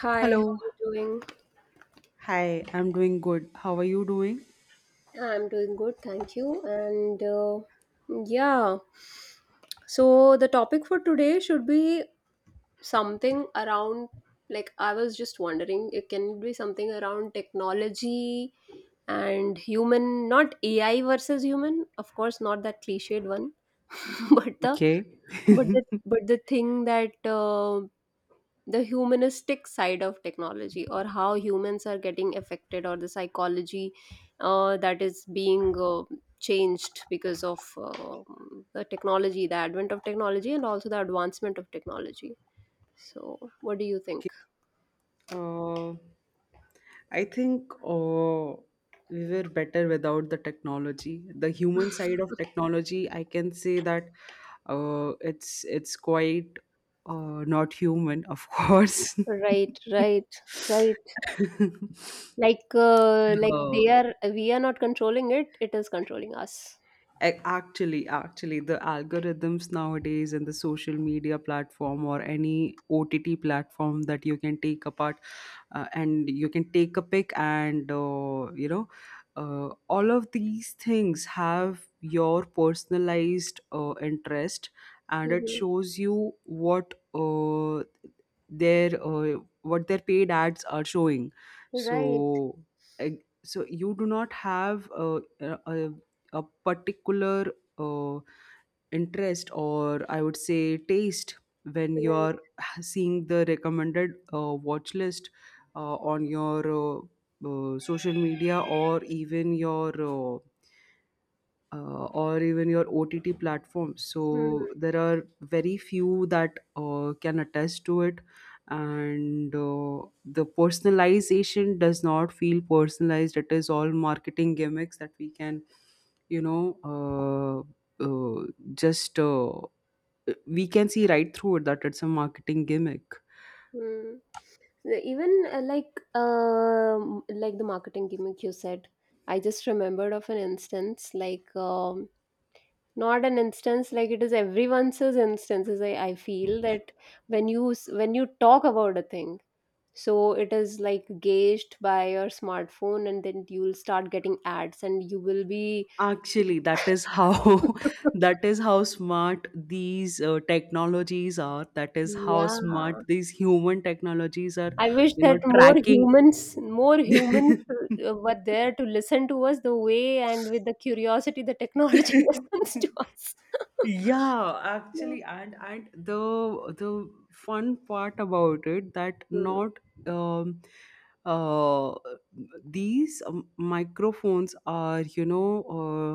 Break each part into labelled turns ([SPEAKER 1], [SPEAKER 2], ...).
[SPEAKER 1] Hi, how
[SPEAKER 2] Hello.
[SPEAKER 1] are you doing?
[SPEAKER 2] Hi, I'm doing good. How are you doing?
[SPEAKER 1] I'm doing good, thank you. And yeah, so the topic for today should be something around, like, I was just wondering, it can be something around technology and human, not AI versus human, of course, not that cliched one, but the
[SPEAKER 2] Okay.
[SPEAKER 1] but the thing that the humanistic side of technology, or how humans are getting affected, or the psychology that is being changed because of the advent of technology, and also the advancement of technology. So what do you
[SPEAKER 2] Okay.
[SPEAKER 1] think?
[SPEAKER 2] Uh, I think we were better without the technology. The human side of technology, I can say that it's quite not human, of course.
[SPEAKER 1] Right, right, right. Like like
[SPEAKER 2] uh,
[SPEAKER 1] they are we are not controlling it, it is controlling us.
[SPEAKER 2] actually, the algorithms nowadays and the social media platform or any OTT platform that you can take apart and you can take a pic, and all of these things have your personalized interest, and it
[SPEAKER 1] Hmm.
[SPEAKER 2] shows you what their paid ads are showing.
[SPEAKER 1] Right,
[SPEAKER 2] So so you do not have a, a particular uh, interest, or I would say taste, when you are
[SPEAKER 1] right.
[SPEAKER 2] seeing the recommended watch list on your social media, or even your OTT platforms. So
[SPEAKER 1] Hmm.
[SPEAKER 2] there are very few that can attest to it, and the personalization does not feel personalized. It is all marketing gimmicks that we can, you know, just we can see right through it that it's a marketing gimmick.
[SPEAKER 1] Hmm. Even like the marketing gimmick you said, I just remembered of an instance, like not an instance, like it is everyone's instances. I feel that when you when you talk about a thing, so it is like gauged by your smartphone, and then you'll start getting ads, and you will be
[SPEAKER 2] Actually, that is how that is how smart these technologies are. That is how
[SPEAKER 1] yeah,
[SPEAKER 2] smart these human technologies are.
[SPEAKER 1] I wish
[SPEAKER 2] You know,
[SPEAKER 1] that
[SPEAKER 2] tracking.
[SPEAKER 1] more humans were there to listen to us, the way and with the curiosity the technology listens to us.
[SPEAKER 2] Yeah,
[SPEAKER 1] Yeah.
[SPEAKER 2] actually, and the fun part about it that
[SPEAKER 1] Hmm.
[SPEAKER 2] not um uh these microphones are, you know,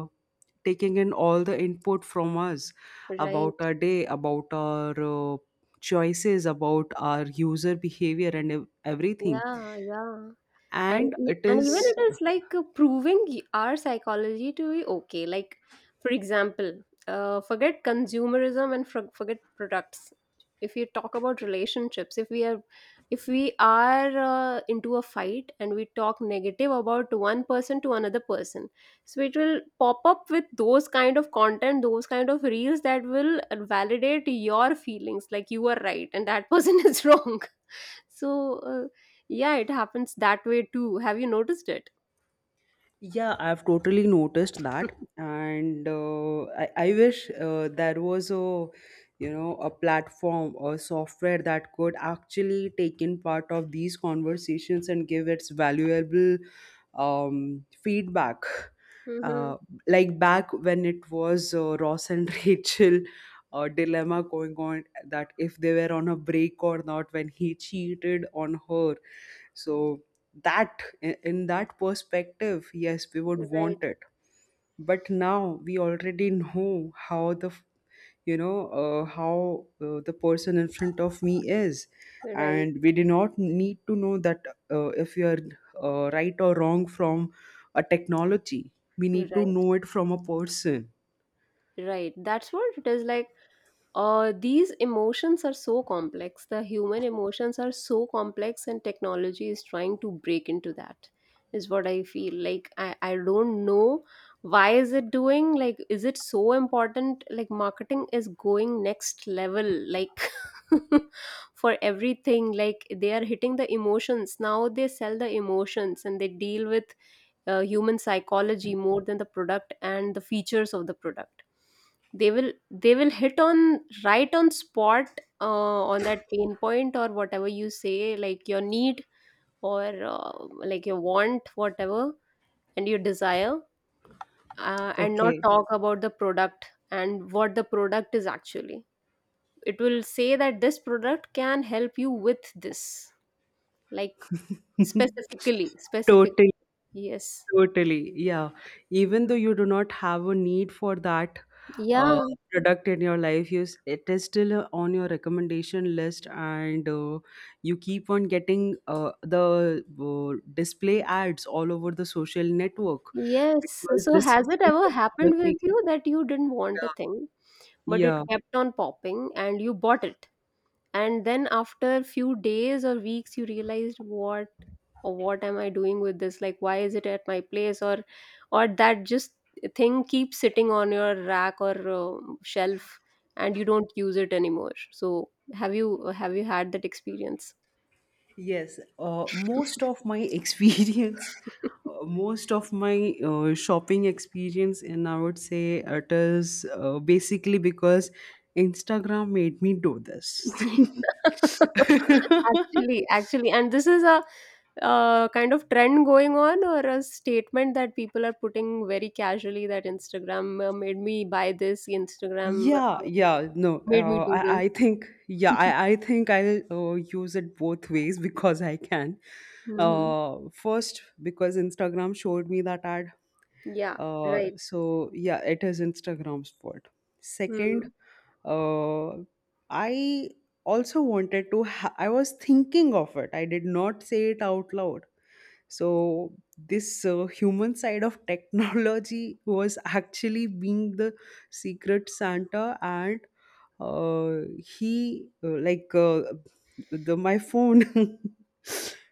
[SPEAKER 2] taking in all the input from us about
[SPEAKER 1] Right.
[SPEAKER 2] our day, about our choices, about our user behavior and ev- everything
[SPEAKER 1] Yeah, yeah.
[SPEAKER 2] and it
[SPEAKER 1] And even
[SPEAKER 2] is.
[SPEAKER 1] it is like proving our psychology to be okay, like for example, forget consumerism, and forget products. If you talk about relationships, if we are, if we are into a fight, and we talk negative about one person to another person, so it will pop up with those kind of content, those kind of reels that will validate your feelings, like you are right and that person is wrong. So, yeah, it happens that way too. Have you noticed it?
[SPEAKER 2] Yeah, I've totally noticed that, and I wish there was a, you know, a platform or software that could actually take in part of these conversations and give its valuable feedback.
[SPEAKER 1] Mm-hmm.
[SPEAKER 2] Uh, like back when it was Ross and Rachel dilemma going on, that if they were on a break or not when he cheated on her. So in that perspective, yes, we would
[SPEAKER 1] Right,
[SPEAKER 2] want it, but now we already know how the f- you know how the person in front of me is,
[SPEAKER 1] right.
[SPEAKER 2] and we do not need to know that if you are right or wrong from a technology. We need to
[SPEAKER 1] Right.
[SPEAKER 2] know it from a person.
[SPEAKER 1] Right. That's what it is like. These emotions are so complex. The human emotions are so complex, and technology is trying to break into that. Is what I feel like. I don't know why is it doing, like. Is it so important? Like, marketing is going next level. Like. For everything, like, they are hitting the emotions now, they sell the emotions, and they deal with human psychology more than the product and the features of the product. They will hit on right on spot, on that pain point, or whatever you say, like your need, or like your want, whatever, and your desire, and not
[SPEAKER 2] Okay.
[SPEAKER 1] talk about the product and what the product is actually. It will say that this product can help you with this, like specifically specific.
[SPEAKER 2] Totally.
[SPEAKER 1] Yes.
[SPEAKER 2] Totally. Yeah. Even though you do not have a need for that uh,
[SPEAKER 1] Yeah.
[SPEAKER 2] product in your life, it is still on your recommendation list, and you keep on getting the display ads all over the social network,
[SPEAKER 1] Yes.
[SPEAKER 2] because
[SPEAKER 1] So
[SPEAKER 2] this
[SPEAKER 1] has it
[SPEAKER 2] huge
[SPEAKER 1] ever happened
[SPEAKER 2] technology.
[SPEAKER 1] with you that you didn't want a
[SPEAKER 2] Yeah.
[SPEAKER 1] thing, but it
[SPEAKER 2] Yeah.
[SPEAKER 1] kept on popping and you bought it? And then after few days or weeks you realized what, or what am I doing with this? Like, why is it at my place, or that just thing keeps sitting on your rack or shelf, and you don't use it anymore. So have you had that experience?
[SPEAKER 2] Yes, most of my experience, most of my shopping experience, and I would say it is basically because Instagram made me do this.
[SPEAKER 1] Actually, and this is a kind of trend going on, or a statement that people are putting very casually, that Instagram made me buy this, Instagram
[SPEAKER 2] Yeah, yeah, no,
[SPEAKER 1] made me
[SPEAKER 2] uh,
[SPEAKER 1] do
[SPEAKER 2] I, I
[SPEAKER 1] this.
[SPEAKER 2] think, yeah, I think I'll use it both ways because I can.
[SPEAKER 1] Hmm.
[SPEAKER 2] First, because Instagram showed me that ad.
[SPEAKER 1] Yeah, right.
[SPEAKER 2] So yeah, it is Instagram's fault.
[SPEAKER 1] Mm-hmm.
[SPEAKER 2] Second, uh, I also wanted to. I was thinking of it. I did not say it out loud. So this human side of technology was actually being the secret Santa, and uh, he like the my phone.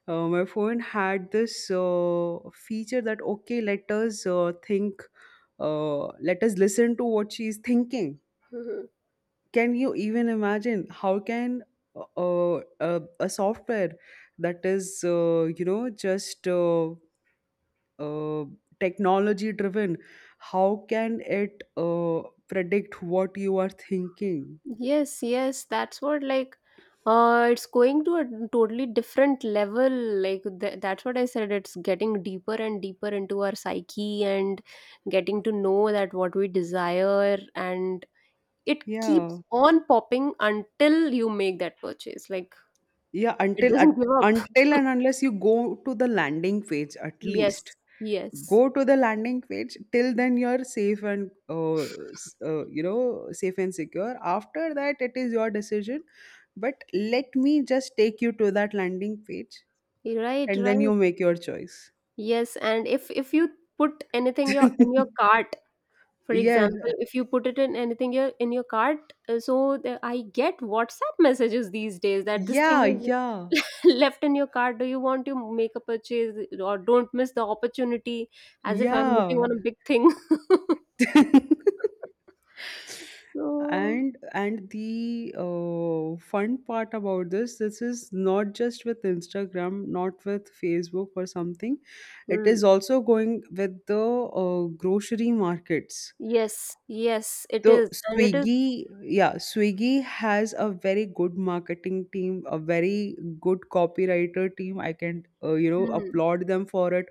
[SPEAKER 2] My phone had this feature that, okay, let us think, let us listen to what she is thinking.
[SPEAKER 1] Mm-hmm.
[SPEAKER 2] Can you even imagine how can uh, uh, a a software that is you know just uh, technology driven, how can it predict what you are thinking?
[SPEAKER 1] Yes, yes, that's what, like, it's going to a totally different level. Like that's what I said, it's getting deeper and deeper into our psyche, and getting to know that what we desire, and it
[SPEAKER 2] Yeah,
[SPEAKER 1] keeps on popping until you make that purchase, like,
[SPEAKER 2] yeah.
[SPEAKER 1] it doesn't give up.
[SPEAKER 2] Until and unless you go to the landing page at least.
[SPEAKER 1] Yes,
[SPEAKER 2] Go
[SPEAKER 1] yes.
[SPEAKER 2] to the landing page, till then you're safe, and you know, safe and secure. After that it is your decision, but let me just take you to that landing page,
[SPEAKER 1] Right,
[SPEAKER 2] and then
[SPEAKER 1] right.
[SPEAKER 2] you make your choice.
[SPEAKER 1] Yes, and if you put anything your in your cart. For
[SPEAKER 2] Yes.
[SPEAKER 1] example, if you put it in anything your in your cart, so I get WhatsApp messages these days that this thing
[SPEAKER 2] Yeah, yeah,
[SPEAKER 1] is left in your cart. Do you want to make a purchase, or don't miss the opportunity? As if I'm missing
[SPEAKER 2] yeah.
[SPEAKER 1] on a big thing. So.
[SPEAKER 2] And the fun part about this, is not just with Instagram, not with Facebook or something. It is
[SPEAKER 1] Hmm.
[SPEAKER 2] also going with the grocery markets,
[SPEAKER 1] Yes, yes, it
[SPEAKER 2] the
[SPEAKER 1] is, and it is.
[SPEAKER 2] Swiggy. Yeah, Swiggy has a very good marketing team, a very good copywriter team. I can, you know,
[SPEAKER 1] Hmm.
[SPEAKER 2] applaud them for it,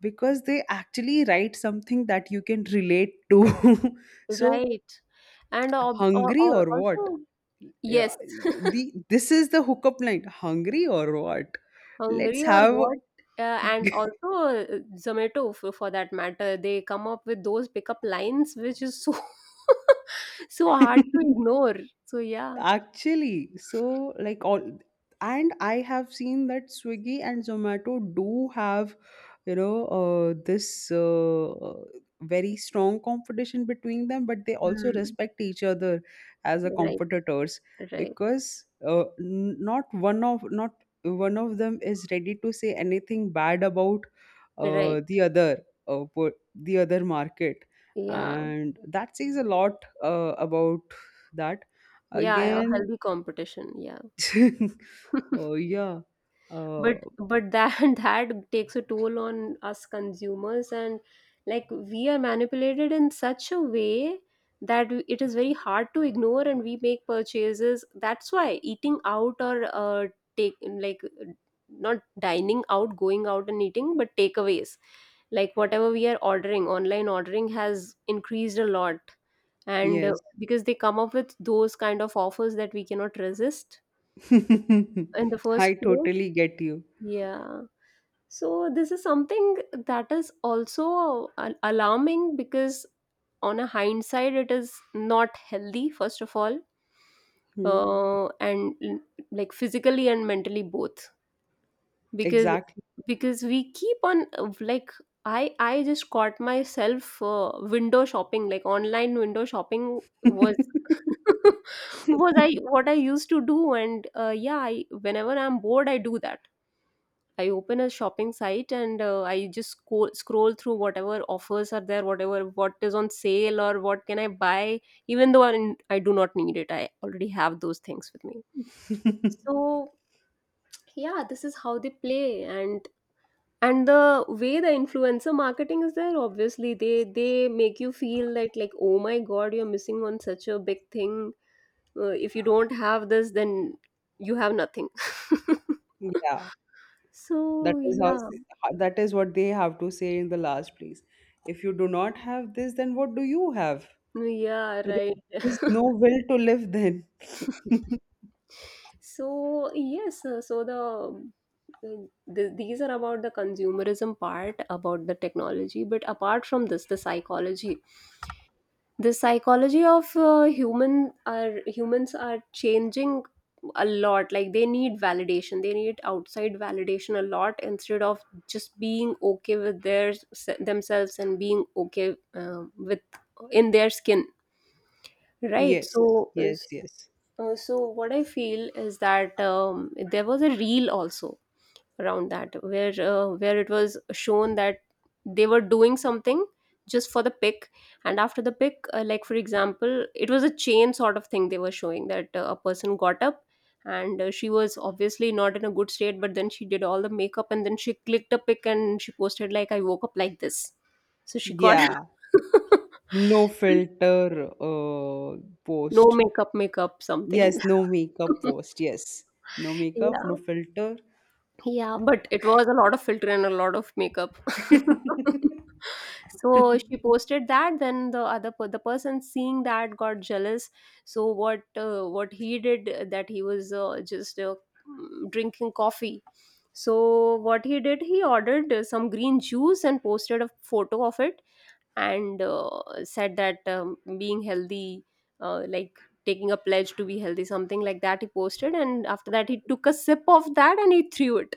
[SPEAKER 2] because they actually write something that you can relate to. So
[SPEAKER 1] Right. And
[SPEAKER 2] hungry
[SPEAKER 1] or
[SPEAKER 2] or what.
[SPEAKER 1] also.
[SPEAKER 2] Yeah,
[SPEAKER 1] Yes,
[SPEAKER 2] the this is the hookup line, hungry or what. Let's
[SPEAKER 1] hungry or
[SPEAKER 2] have
[SPEAKER 1] what. And also, Zomato, for that matter, they come up with those pickup lines which is so so hard to ignore. So yeah.
[SPEAKER 2] actually, so like all, and I have seen that Swiggy and Zomato do have, you know, this very strong competition between them, but they also
[SPEAKER 1] Hmm.
[SPEAKER 2] respect each other as a
[SPEAKER 1] Right,
[SPEAKER 2] competitors,
[SPEAKER 1] right,
[SPEAKER 2] because not one of them is ready to say anything bad about
[SPEAKER 1] right.
[SPEAKER 2] the other, uh, per- the other market,
[SPEAKER 1] Yeah,
[SPEAKER 2] and that says a lot about that.
[SPEAKER 1] yeah, a
[SPEAKER 2] Again,
[SPEAKER 1] healthy competition, yeah.
[SPEAKER 2] oh yeah,
[SPEAKER 1] but
[SPEAKER 2] uh,
[SPEAKER 1] but that that takes a toll on us consumers, and like we are manipulated in such a way that it is very hard to ignore, and we make purchases. That's why eating out or take, like, not dining out, going out and eating, but takeaways, like, whatever we are ordering, online ordering has increased a lot. And
[SPEAKER 2] yes.
[SPEAKER 1] because they come up with those kind of offers that we cannot resist in the
[SPEAKER 2] I
[SPEAKER 1] first place.
[SPEAKER 2] totally get you.
[SPEAKER 1] Yeah. So this is something that is also alarming, because on a hindsight it is not healthy, first of all,
[SPEAKER 2] Hmm.
[SPEAKER 1] and like physically and mentally both. Because
[SPEAKER 2] Exactly.
[SPEAKER 1] we keep on like, I just caught myself window shopping, like online window shopping was was, I what I used to do, and yeah, I, whenever I'm bored, I do that. I open a shopping site, and I just scroll through whatever offers are there, whatever what is on sale or what can I buy, even though I do not need it. I already have those things with me. So yeah, this is how they play. And the way the influencer marketing is there, obviously they make you feel that, like, oh my god, you're missing on such a big thing. If you don't have this, then you have nothing.
[SPEAKER 2] Yeah, that
[SPEAKER 1] So
[SPEAKER 2] is how,
[SPEAKER 1] yeah.
[SPEAKER 2] that is what they have to say in the last place. If you do not have this, then what do you have?
[SPEAKER 1] Yeah, right.
[SPEAKER 2] There is no will to live then.
[SPEAKER 1] So yes, so the these are about the consumerism part about the technology, but apart from this the psychology of humans are changing a lot. Like they need validation, they need outside validation a lot, instead of just being okay with their themselves, and being okay with in their skin. Right.
[SPEAKER 2] Yes,
[SPEAKER 1] So
[SPEAKER 2] yes, yes.
[SPEAKER 1] so what I feel is that there was a reel also around that, where it was shown that they were doing something just for the pic, and after the pic, like for example, it was a chain sort of thing. They were showing that a person got up, and she was obviously not in a good state, but then she did all the makeup, and then she clicked a pic, and she posted like, I woke up like this. So she got
[SPEAKER 2] Yeah, no filter
[SPEAKER 1] no
[SPEAKER 2] post.
[SPEAKER 1] makeup, makeup something.
[SPEAKER 2] Yes, no makeup post. Yes. No makeup, no
[SPEAKER 1] Yeah.
[SPEAKER 2] filter.
[SPEAKER 1] Yeah, but it was a lot of filter and a lot of makeup. So she posted that, then the person seeing that got jealous. So what he did, that he was, just drinking coffee. So what he did, he ordered some green juice and posted a photo of it, and said that, being healthy, like taking a pledge to be healthy, something like that he posted, and after that he took a sip of that and he threw it,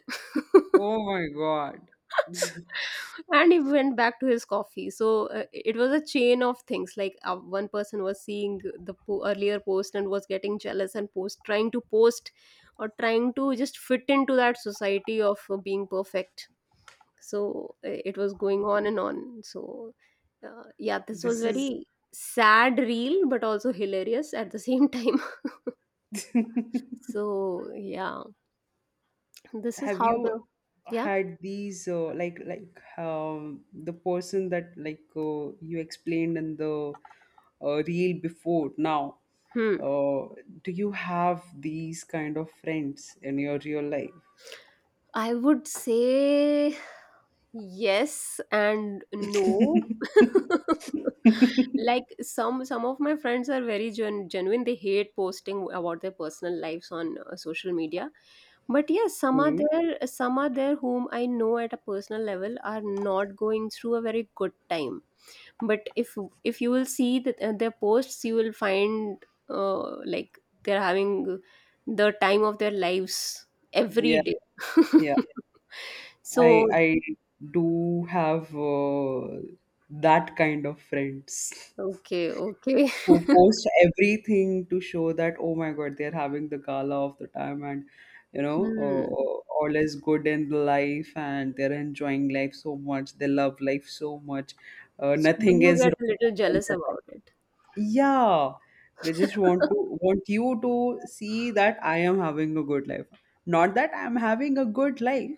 [SPEAKER 2] Oh my God.
[SPEAKER 1] and he went back to his coffee. So it was a chain of things, like one person was seeing the earlier post and was getting jealous, and post trying to post, or trying to just fit into that society of being perfect. So it was going on and on. So yeah, this was
[SPEAKER 2] This is
[SPEAKER 1] very sad reel, but also hilarious at the same time. So yeah, this is
[SPEAKER 2] have
[SPEAKER 1] how the.
[SPEAKER 2] you
[SPEAKER 1] Yeah.
[SPEAKER 2] had these like the person that, like, you explained in the reel before now?
[SPEAKER 1] Hmm.
[SPEAKER 2] Uh, do you have these kind of friends in your real life?
[SPEAKER 1] I would say yes and no. Like some of my friends are very genuine. They hate posting about their personal lives on social media. But yes, some are
[SPEAKER 2] Hmm.
[SPEAKER 1] there. Some are there, whom I know at a personal level are not going through a very good time, but if you will see that their posts, you will find like they're having the time of their lives every
[SPEAKER 2] Yeah,
[SPEAKER 1] day.
[SPEAKER 2] yeah. I
[SPEAKER 1] So
[SPEAKER 2] I do have that kind of friends
[SPEAKER 1] okay, okay.
[SPEAKER 2] who post everything to show that oh my god, they're having the gala of the time, and you know,
[SPEAKER 1] Hmm.
[SPEAKER 2] all is good in life and they're enjoying life so much, they love life so much,
[SPEAKER 1] So do
[SPEAKER 2] nothing
[SPEAKER 1] you
[SPEAKER 2] is
[SPEAKER 1] get a
[SPEAKER 2] wrong
[SPEAKER 1] little
[SPEAKER 2] in
[SPEAKER 1] jealous
[SPEAKER 2] their.
[SPEAKER 1] about it?
[SPEAKER 2] Yeah, they just want to want you to see that I am having a good life. Not that I'm having a good life,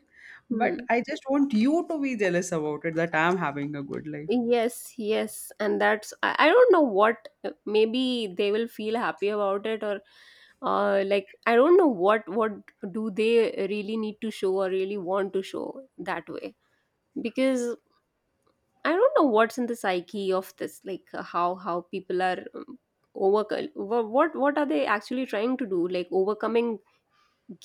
[SPEAKER 2] but
[SPEAKER 1] Hmm.
[SPEAKER 2] I just want you to be jealous about it, that I'm having a good life.
[SPEAKER 1] Yes, yes, and that's I don't know what. Maybe they will feel happy about it. Or like I don't know what do they really need to show or really want to show that way. Because I don't know what's in the psyche of this, like, how people are over what are they actually trying to do, like overcoming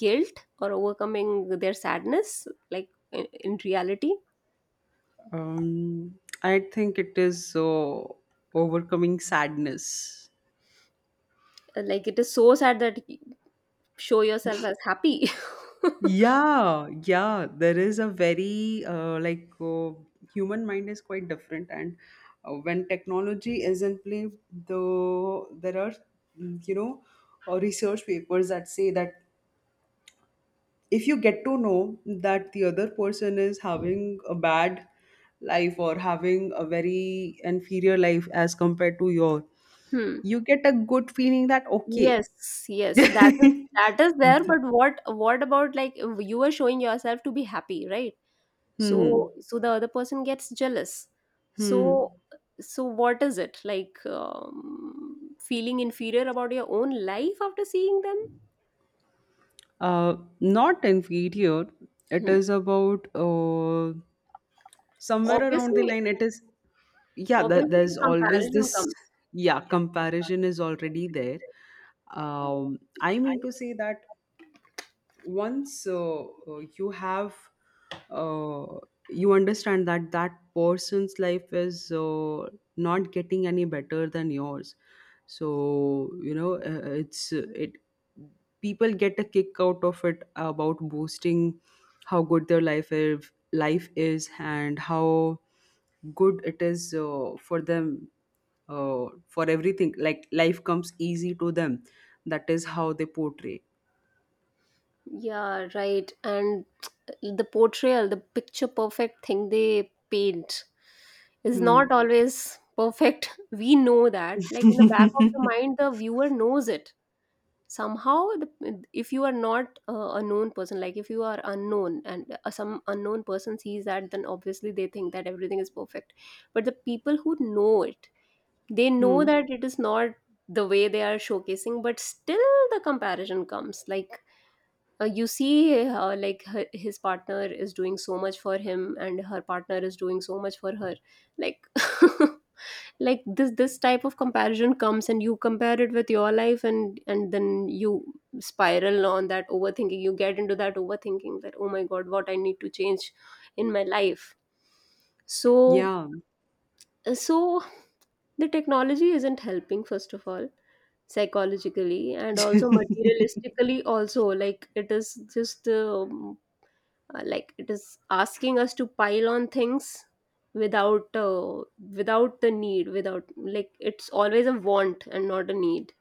[SPEAKER 1] guilt or overcoming their sadness, like in reality.
[SPEAKER 2] Um, I think it is overcoming sadness.
[SPEAKER 1] Like it is so sad that show yourself as happy.
[SPEAKER 2] Yeah, yeah, there is a very human mind is quite different, and when technology is in play, though there are, mm, you know research papers that say that if you get to know that the other person is having a bad life, or having a very inferior life as compared to your,
[SPEAKER 1] Hmm.
[SPEAKER 2] you get a good feeling that okay.
[SPEAKER 1] Yes, yes, that is, that is there. But what about, like, you are showing yourself to be happy, right?
[SPEAKER 2] Hmm.
[SPEAKER 1] So so the other person gets jealous.
[SPEAKER 2] Hmm.
[SPEAKER 1] So so what is it like? Feeling inferior about your own life after seeing them.
[SPEAKER 2] Not inferior. It
[SPEAKER 1] Hmm.
[SPEAKER 2] is about somewhere around the
[SPEAKER 1] Obviously,
[SPEAKER 2] line. It is, yeah. That
[SPEAKER 1] obviously
[SPEAKER 2] there's
[SPEAKER 1] the
[SPEAKER 2] always
[SPEAKER 1] comparison
[SPEAKER 2] this,
[SPEAKER 1] comes.
[SPEAKER 2] yeah, comparison is already there. I mean to say that once you have uh, you understand that that person's life is not getting any better than yours. So, you know, it's it people get a kick out of it about boasting how good their life is, and how good it is for them, for everything, like life comes easy to them. That is how they portray.
[SPEAKER 1] Yeah, right. And the portrayal, the picture perfect thing they paint is
[SPEAKER 2] Hmm.
[SPEAKER 1] not always perfect. We know that. Like in the back of the mind, the viewer knows it. Somehow, the, if you are not a known person, like if you are unknown and some unknown person sees that, then obviously they think that everything is perfect. But the people who know it, they know
[SPEAKER 2] Hmm.
[SPEAKER 1] that it is not the way they are showcasing, but still the comparison comes. Like, you see like her, his partner is doing so much for him and her partner is doing so much for her, like like this type of comparison comes and you compare it with your life, and then you spiral on that overthinking. You get into that overthinking that, oh my god, what I need to change in my life. So
[SPEAKER 2] Yeah.
[SPEAKER 1] so the technology isn't helping, first of all, psychologically and also materialistically also. Like it is just like it is asking us to pile on things without without the need, without, like, it's always a want and not a need.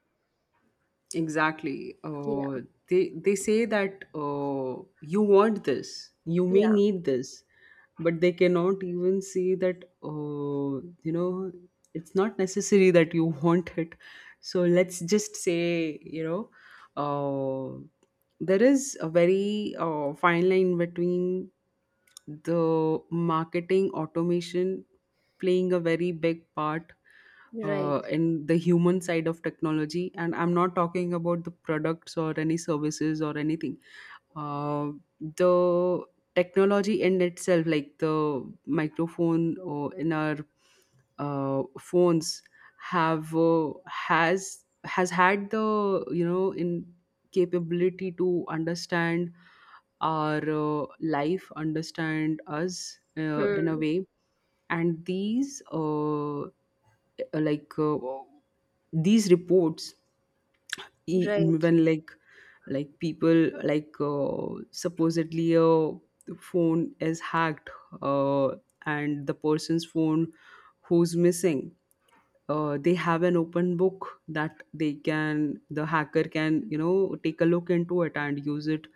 [SPEAKER 2] Exactly.
[SPEAKER 1] Yeah.
[SPEAKER 2] They say that, you want this, you may
[SPEAKER 1] Yeah,
[SPEAKER 2] need this, but they cannot even see that, you know, it's not necessary that you want it. So let's just say, you know, uh, there is a very fine line between the marketing automation playing a very big part
[SPEAKER 1] right.
[SPEAKER 2] in the human side of technology, and I'm not talking about the products or any services or anything, uh, the technology in itself, like the microphone or in our phones, have has had the, you know, in capability to understand our life, understand us in a
[SPEAKER 1] Hmm.
[SPEAKER 2] way, and these like uh, these reports, e-
[SPEAKER 1] Right.
[SPEAKER 2] when like people, like, supposedly a phone is hacked, uh, and the person's phone, who's missing, they have an open book that they can, the hacker can, you know, take a look into it and use it,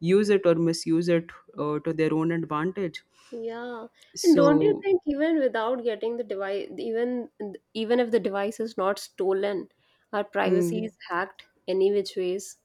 [SPEAKER 2] use it or misuse it to their own advantage,
[SPEAKER 1] Yeah, and don't you
[SPEAKER 2] so.
[SPEAKER 1] think even without getting the device, even even if the device is not stolen, our privacy
[SPEAKER 2] Hmm.
[SPEAKER 1] is hacked any which ways.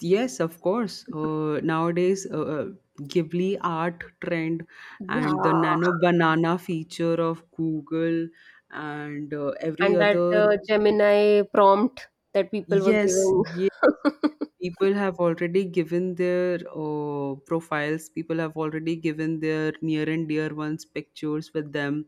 [SPEAKER 2] Yes, of course. Nowadays, Ghibli art trend
[SPEAKER 1] Yeah,
[SPEAKER 2] and the nano banana feature of Google, and every
[SPEAKER 1] and that
[SPEAKER 2] other.
[SPEAKER 1] gemini prompt that people were
[SPEAKER 2] Yes,
[SPEAKER 1] giving.
[SPEAKER 2] yeah, people have already given their profiles, people have already given their near and dear ones pictures with them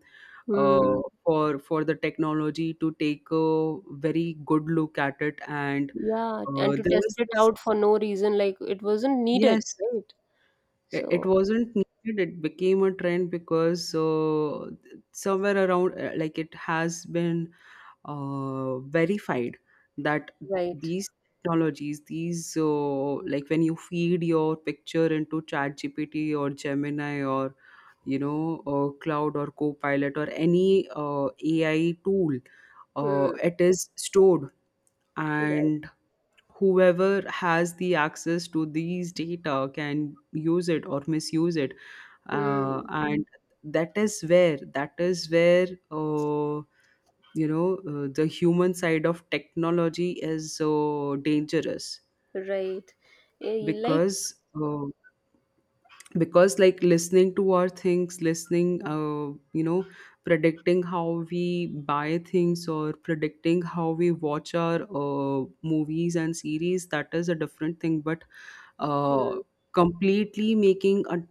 [SPEAKER 2] uh,
[SPEAKER 1] Hmm.
[SPEAKER 2] for the technology to take a very good look at it. And
[SPEAKER 1] Yeah,
[SPEAKER 2] uh,
[SPEAKER 1] and to
[SPEAKER 2] there
[SPEAKER 1] test
[SPEAKER 2] was
[SPEAKER 1] it
[SPEAKER 2] this,
[SPEAKER 1] out for no reason, like it wasn't needed,
[SPEAKER 2] yes.
[SPEAKER 1] right?
[SPEAKER 2] It
[SPEAKER 1] So,
[SPEAKER 2] wasn't needed, it became a trend because somewhere around, like it has been verified that
[SPEAKER 1] right.
[SPEAKER 2] these technologies, these like when you feed your picture into chat gpt or Gemini, or you know, Cloud or Copilot, or any uh, AI tool,
[SPEAKER 1] Hmm.
[SPEAKER 2] it is stored,
[SPEAKER 1] Right.
[SPEAKER 2] and whoever has the access to these data can use it or misuse it,
[SPEAKER 1] Hmm.
[SPEAKER 2] and that is where, that is where, the human side of technology is so dangerous,
[SPEAKER 1] Right. Eh, like,
[SPEAKER 2] because, uh, because like listening to our things, listening, you know, predicting how we buy things, or predicting how we watch our movies and series, that is a different thing, but uh,
[SPEAKER 1] hmm.
[SPEAKER 2] completely making a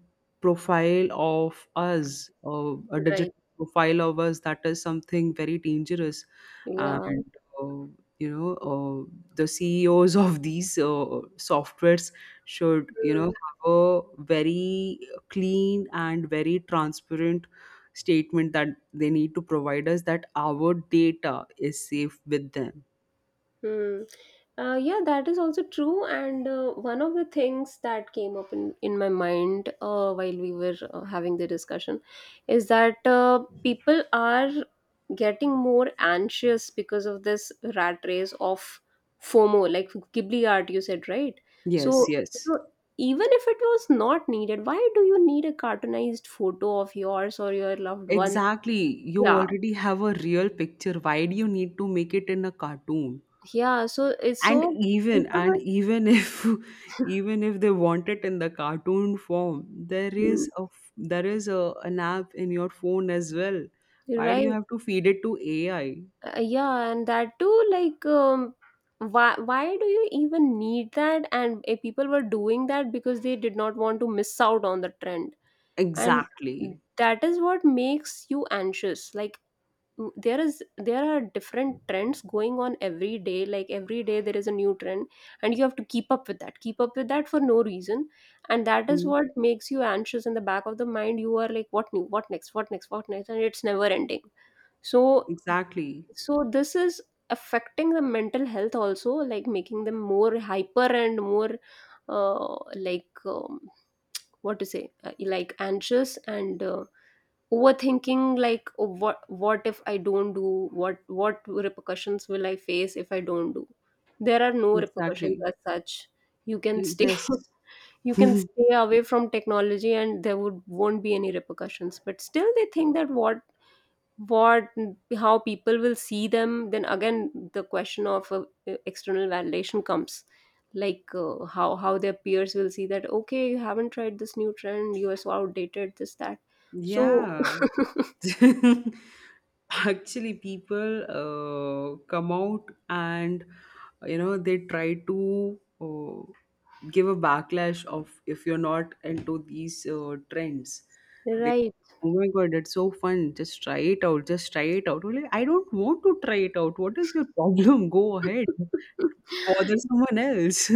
[SPEAKER 2] profile of us, a digital
[SPEAKER 1] Right.
[SPEAKER 2] profile of us, that is something very dangerous.
[SPEAKER 1] Yeah.
[SPEAKER 2] And uh, you know uh, the CEOs of these softwares should, you know,
[SPEAKER 1] Hmm.
[SPEAKER 2] a very clean and very transparent statement that they need to provide us that our data is safe with them.
[SPEAKER 1] Hmm. Yeah, that is also true. And one of the things that came up in my mind while we were having the discussion is that people are getting more anxious because of this rat race of FOMO, like Ghibli art, you said, right?
[SPEAKER 2] Yes,
[SPEAKER 1] So,
[SPEAKER 2] yes.
[SPEAKER 1] so even if it was not needed, why do you need a cartoonized photo of yours or your loved one?
[SPEAKER 2] Exactly. You
[SPEAKER 1] Yeah,
[SPEAKER 2] already have a real picture. Why do you need to make it in a cartoon?
[SPEAKER 1] yeah. So it's
[SPEAKER 2] And
[SPEAKER 1] so
[SPEAKER 2] even,
[SPEAKER 1] people
[SPEAKER 2] and
[SPEAKER 1] were.
[SPEAKER 2] even if, even if they want it in the cartoon form, there
[SPEAKER 1] Hmm,
[SPEAKER 2] is there is a an app in your phone as well. Why do you
[SPEAKER 1] right.
[SPEAKER 2] have to feed it to AI?
[SPEAKER 1] Yeah, and that too, like, why do you even need that? And people were doing that because they did not want to miss out on the trend, and
[SPEAKER 2] Exactly.
[SPEAKER 1] that is what makes you anxious. Like, there is, there are different trends going on every day. Like every day there is a new trend, and you have to keep up with that. Keep up with that for no reason, and that is
[SPEAKER 2] Hmm.
[SPEAKER 1] what makes you anxious in the back of the mind. You are like, what new? What next? What next? What next? And it's never ending. So
[SPEAKER 2] Exactly.
[SPEAKER 1] so this is affecting the mental health also, like making them more hyper and more like what to say, like anxious and overthinking. Like, oh, what if I don't do? What repercussions will I face if I don't do? There are no repercussions
[SPEAKER 2] Exactly.
[SPEAKER 1] as such. You can stay.
[SPEAKER 2] Yes.
[SPEAKER 1] You can stay away from technology and there would won't be any repercussions, but still they think that what how people will see them. Then again the question of external validation comes. Like how their peers will see that, okay, you haven't tried this new trend, you are so outdated, this that. So
[SPEAKER 2] Yeah. Actually, people come out and, you know, they try to give a backlash of if you're not into these trends. They,
[SPEAKER 1] right.
[SPEAKER 2] oh my god, it's so fun! Just try it out. Just try it out. Well, I don't want to try it out. What is your problem? Go ahead. Bother someone else.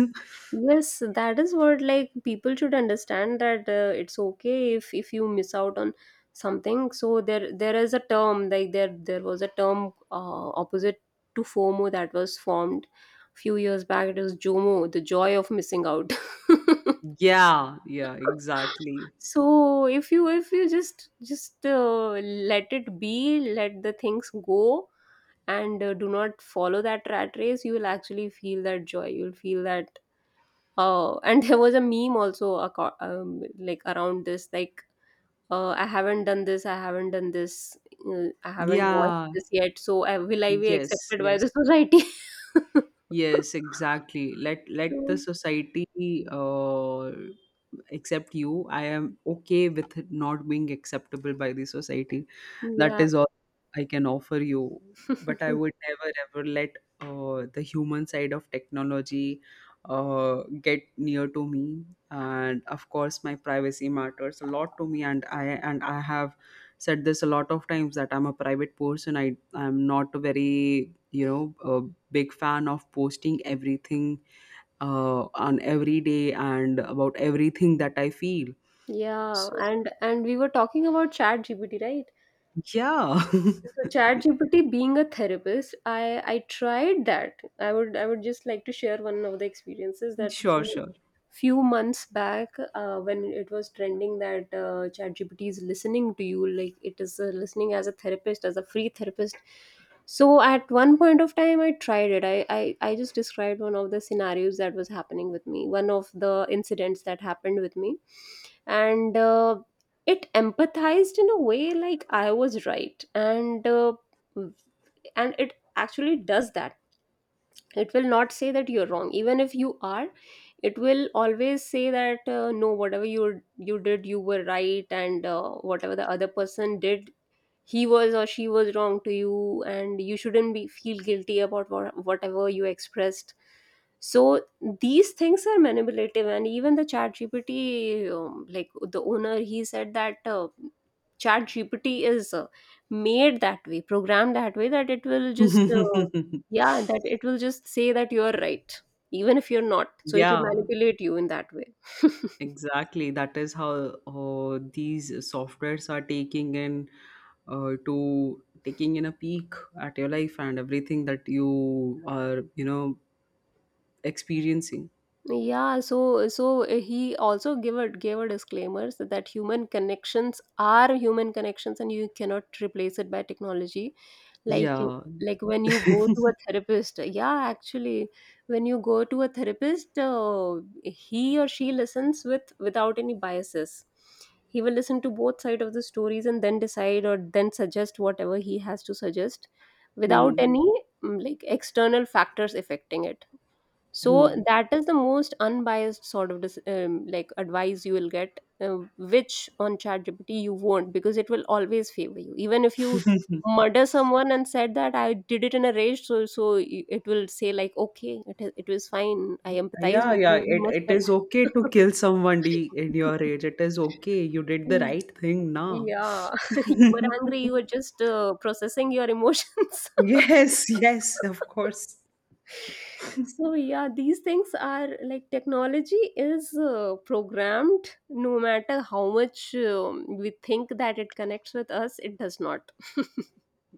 [SPEAKER 1] Yes, that is what, like, people should understand that it's okay if you miss out on something. So there is a term, like there was a term opposite to FOMO that was formed a few years back. It was JOMO, the joy of missing out.
[SPEAKER 2] Yeah. Yeah. Exactly.
[SPEAKER 1] So if you just let it be, let the things go, and do not follow that rat race, you will actually feel that joy. You'll feel that. Oh, and there was a meme also aco- like around this, like, I haven't done this, I haven't done this, I haven't watched
[SPEAKER 2] Yeah,
[SPEAKER 1] this yet. So will I be
[SPEAKER 2] yes,
[SPEAKER 1] accepted by
[SPEAKER 2] yes,
[SPEAKER 1] the society?
[SPEAKER 2] yes, exactly. Let, let the
[SPEAKER 1] So,
[SPEAKER 2] society accept you. I am okay with not being acceptable by the society. That
[SPEAKER 1] yeah.
[SPEAKER 2] is all I can offer you. But I would never ever let the human side of technology get near to me. And of course, my privacy matters a lot to me. And I have said this a lot of times, that I'm a private person. I'm not a very, you know, a big fan of posting everything on every day and about everything that I feel.
[SPEAKER 1] Yeah,
[SPEAKER 2] So
[SPEAKER 1] and we were talking about Chat GPT, right?
[SPEAKER 2] yeah,
[SPEAKER 1] So Chat GPT being a therapist, I tried that. I would just like to share one of the experiences that a
[SPEAKER 2] sure,
[SPEAKER 1] few
[SPEAKER 2] sure.
[SPEAKER 1] few months back when it was trending that ChatGPT is listening to you, like it is listening as a therapist, as a free therapist. So at one point of time, I tried it. I just described one of the scenarios that was happening with me, one of the incidents that happened with me. And it empathized in a way like I was right. And it actually does that. It will not say that you're wrong even if you are. It will always say that no, whatever you you did you were right, and whatever the other person did, he was or she was wrong to you, and you shouldn't be feel guilty about what, whatever you expressed. So these things are manipulative, and even the chat gpt, like, the owner, he said that chat gpt is made that way, programmed that way, that it will just yeah, that it will just say that you're right even if you're not. So it will
[SPEAKER 2] Yeah,
[SPEAKER 1] manipulate you in that way.
[SPEAKER 2] exactly. That is how these softwares are taking in, to taking in a peek at your life and everything that you are, you know, experiencing.
[SPEAKER 1] Yeah, so so eh, he also gave a gave a disclaimer so that human connections are human connections and you cannot replace it by technology. Like you-
[SPEAKER 2] Yeah.
[SPEAKER 1] like when you go to a therapist, yeah, actually, when you go to a therapist, he or she listens with without any biases. He will listen to both sides of the stories and then decide or then suggest whatever he has to suggest without
[SPEAKER 2] Hmm.
[SPEAKER 1] any like external factors affecting it. So
[SPEAKER 2] Hmm.
[SPEAKER 1] that is the most unbiased sort of dis- like advice you will get, which on ChatGPT you won't, because it will always favor you. Even if you murder someone and said that I did it in a rage, so so y- it will say, like, okay, it is- it was fine. I empathize
[SPEAKER 2] Yeah,
[SPEAKER 1] with
[SPEAKER 2] yeah.
[SPEAKER 1] you. You
[SPEAKER 2] It
[SPEAKER 1] must.
[SPEAKER 2] it is okay to kill somebody in your age. It is okay. You did the
[SPEAKER 1] Mm,
[SPEAKER 2] right thing now.
[SPEAKER 1] yeah, you were angry. You were just processing your emotions.
[SPEAKER 2] Yes, yes, of course.
[SPEAKER 1] So yeah, these things are like technology is programmed. No matter how much we think that it connects with us, it does not.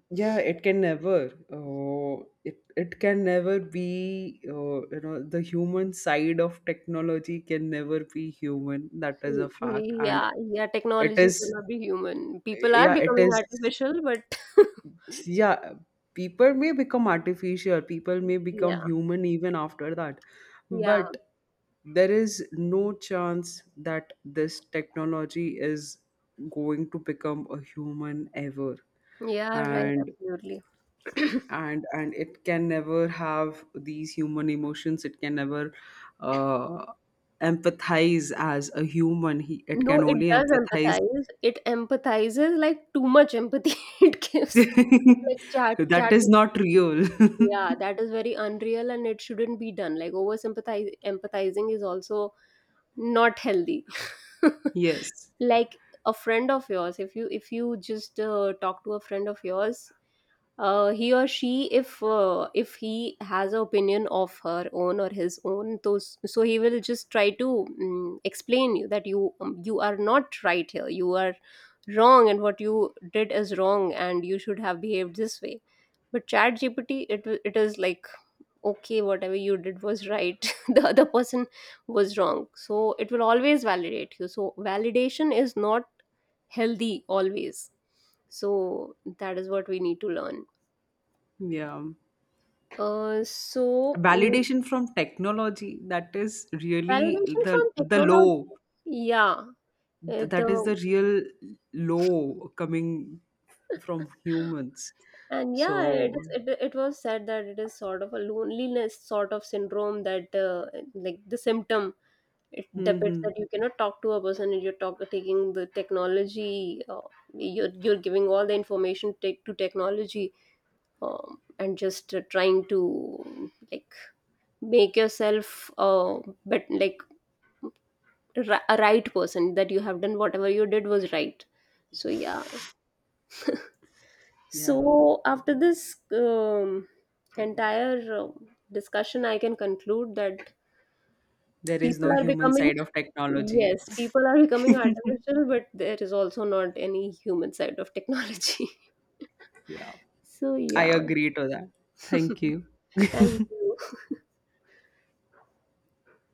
[SPEAKER 2] Yeah, it can never. It can never be. You know, the human side of technology can never be human. That is a
[SPEAKER 1] Y-
[SPEAKER 2] fact, and
[SPEAKER 1] yeah, yeah,
[SPEAKER 2] it
[SPEAKER 1] technology will
[SPEAKER 2] is.
[SPEAKER 1] not be human. People are
[SPEAKER 2] Yeah, it
[SPEAKER 1] becoming
[SPEAKER 2] is.
[SPEAKER 1] artificial, but
[SPEAKER 2] Yeah, people may become artificial. People may become
[SPEAKER 1] yeah,
[SPEAKER 2] human even after that,
[SPEAKER 1] yeah,
[SPEAKER 2] but there is no chance that this technology is going to become a human ever.
[SPEAKER 1] yeah, right,
[SPEAKER 2] And
[SPEAKER 1] absolutely.
[SPEAKER 2] and it can never have these human emotions, it can never uh, empathize as a human, it
[SPEAKER 1] No,
[SPEAKER 2] can
[SPEAKER 1] it
[SPEAKER 2] only
[SPEAKER 1] does
[SPEAKER 2] empathize.
[SPEAKER 1] empathize. It empathizes, like, too much empathy it gives. Like chat,
[SPEAKER 2] That
[SPEAKER 1] chat.
[SPEAKER 2] is not real.
[SPEAKER 1] Yeah, that is very unreal and it shouldn't be done. Like over empathizing is also not healthy.
[SPEAKER 2] Yes.
[SPEAKER 1] Like a friend of yours, if you just talk to a friend of yours, he or she, if he has an opinion of her own or his own, those so he will just try to explain you that you you are not right here, you are wrong, and what you did is wrong, and you should have behaved this way. But Chat GPT, it is like, okay, whatever you did was right, the other person was wrong. So it will always validate you. So validation is not healthy always. So that is what we need to learn.
[SPEAKER 2] Yeah.
[SPEAKER 1] uh, so mm,
[SPEAKER 2] Validation from technology, that is really
[SPEAKER 1] Validation
[SPEAKER 2] the
[SPEAKER 1] from
[SPEAKER 2] the low.
[SPEAKER 1] technology. Yeah.
[SPEAKER 2] That is
[SPEAKER 1] The
[SPEAKER 2] the real low coming from humans,
[SPEAKER 1] And yeah, it
[SPEAKER 2] so.
[SPEAKER 1] is it, it was said that it is sort of a loneliness sort of syndrome that like the symptom. It depicts
[SPEAKER 2] Hmm.
[SPEAKER 1] that you cannot talk to a person and you're talk, taking the technology, you're giving all the information take to technology and just trying to, like, make yourself but like ri- a right person, that you have done whatever you did was right. So yeah.
[SPEAKER 2] Yeah.
[SPEAKER 1] So after this entire discussion, I can conclude that
[SPEAKER 2] There is no
[SPEAKER 1] people are
[SPEAKER 2] human
[SPEAKER 1] becoming.
[SPEAKER 2] side of technology.
[SPEAKER 1] Yes, people are becoming artificial, but there is also not any human side of technology.
[SPEAKER 2] Yeah,
[SPEAKER 1] So,
[SPEAKER 2] I
[SPEAKER 1] yeah.
[SPEAKER 2] agree to that. Thank you.
[SPEAKER 1] Thank you.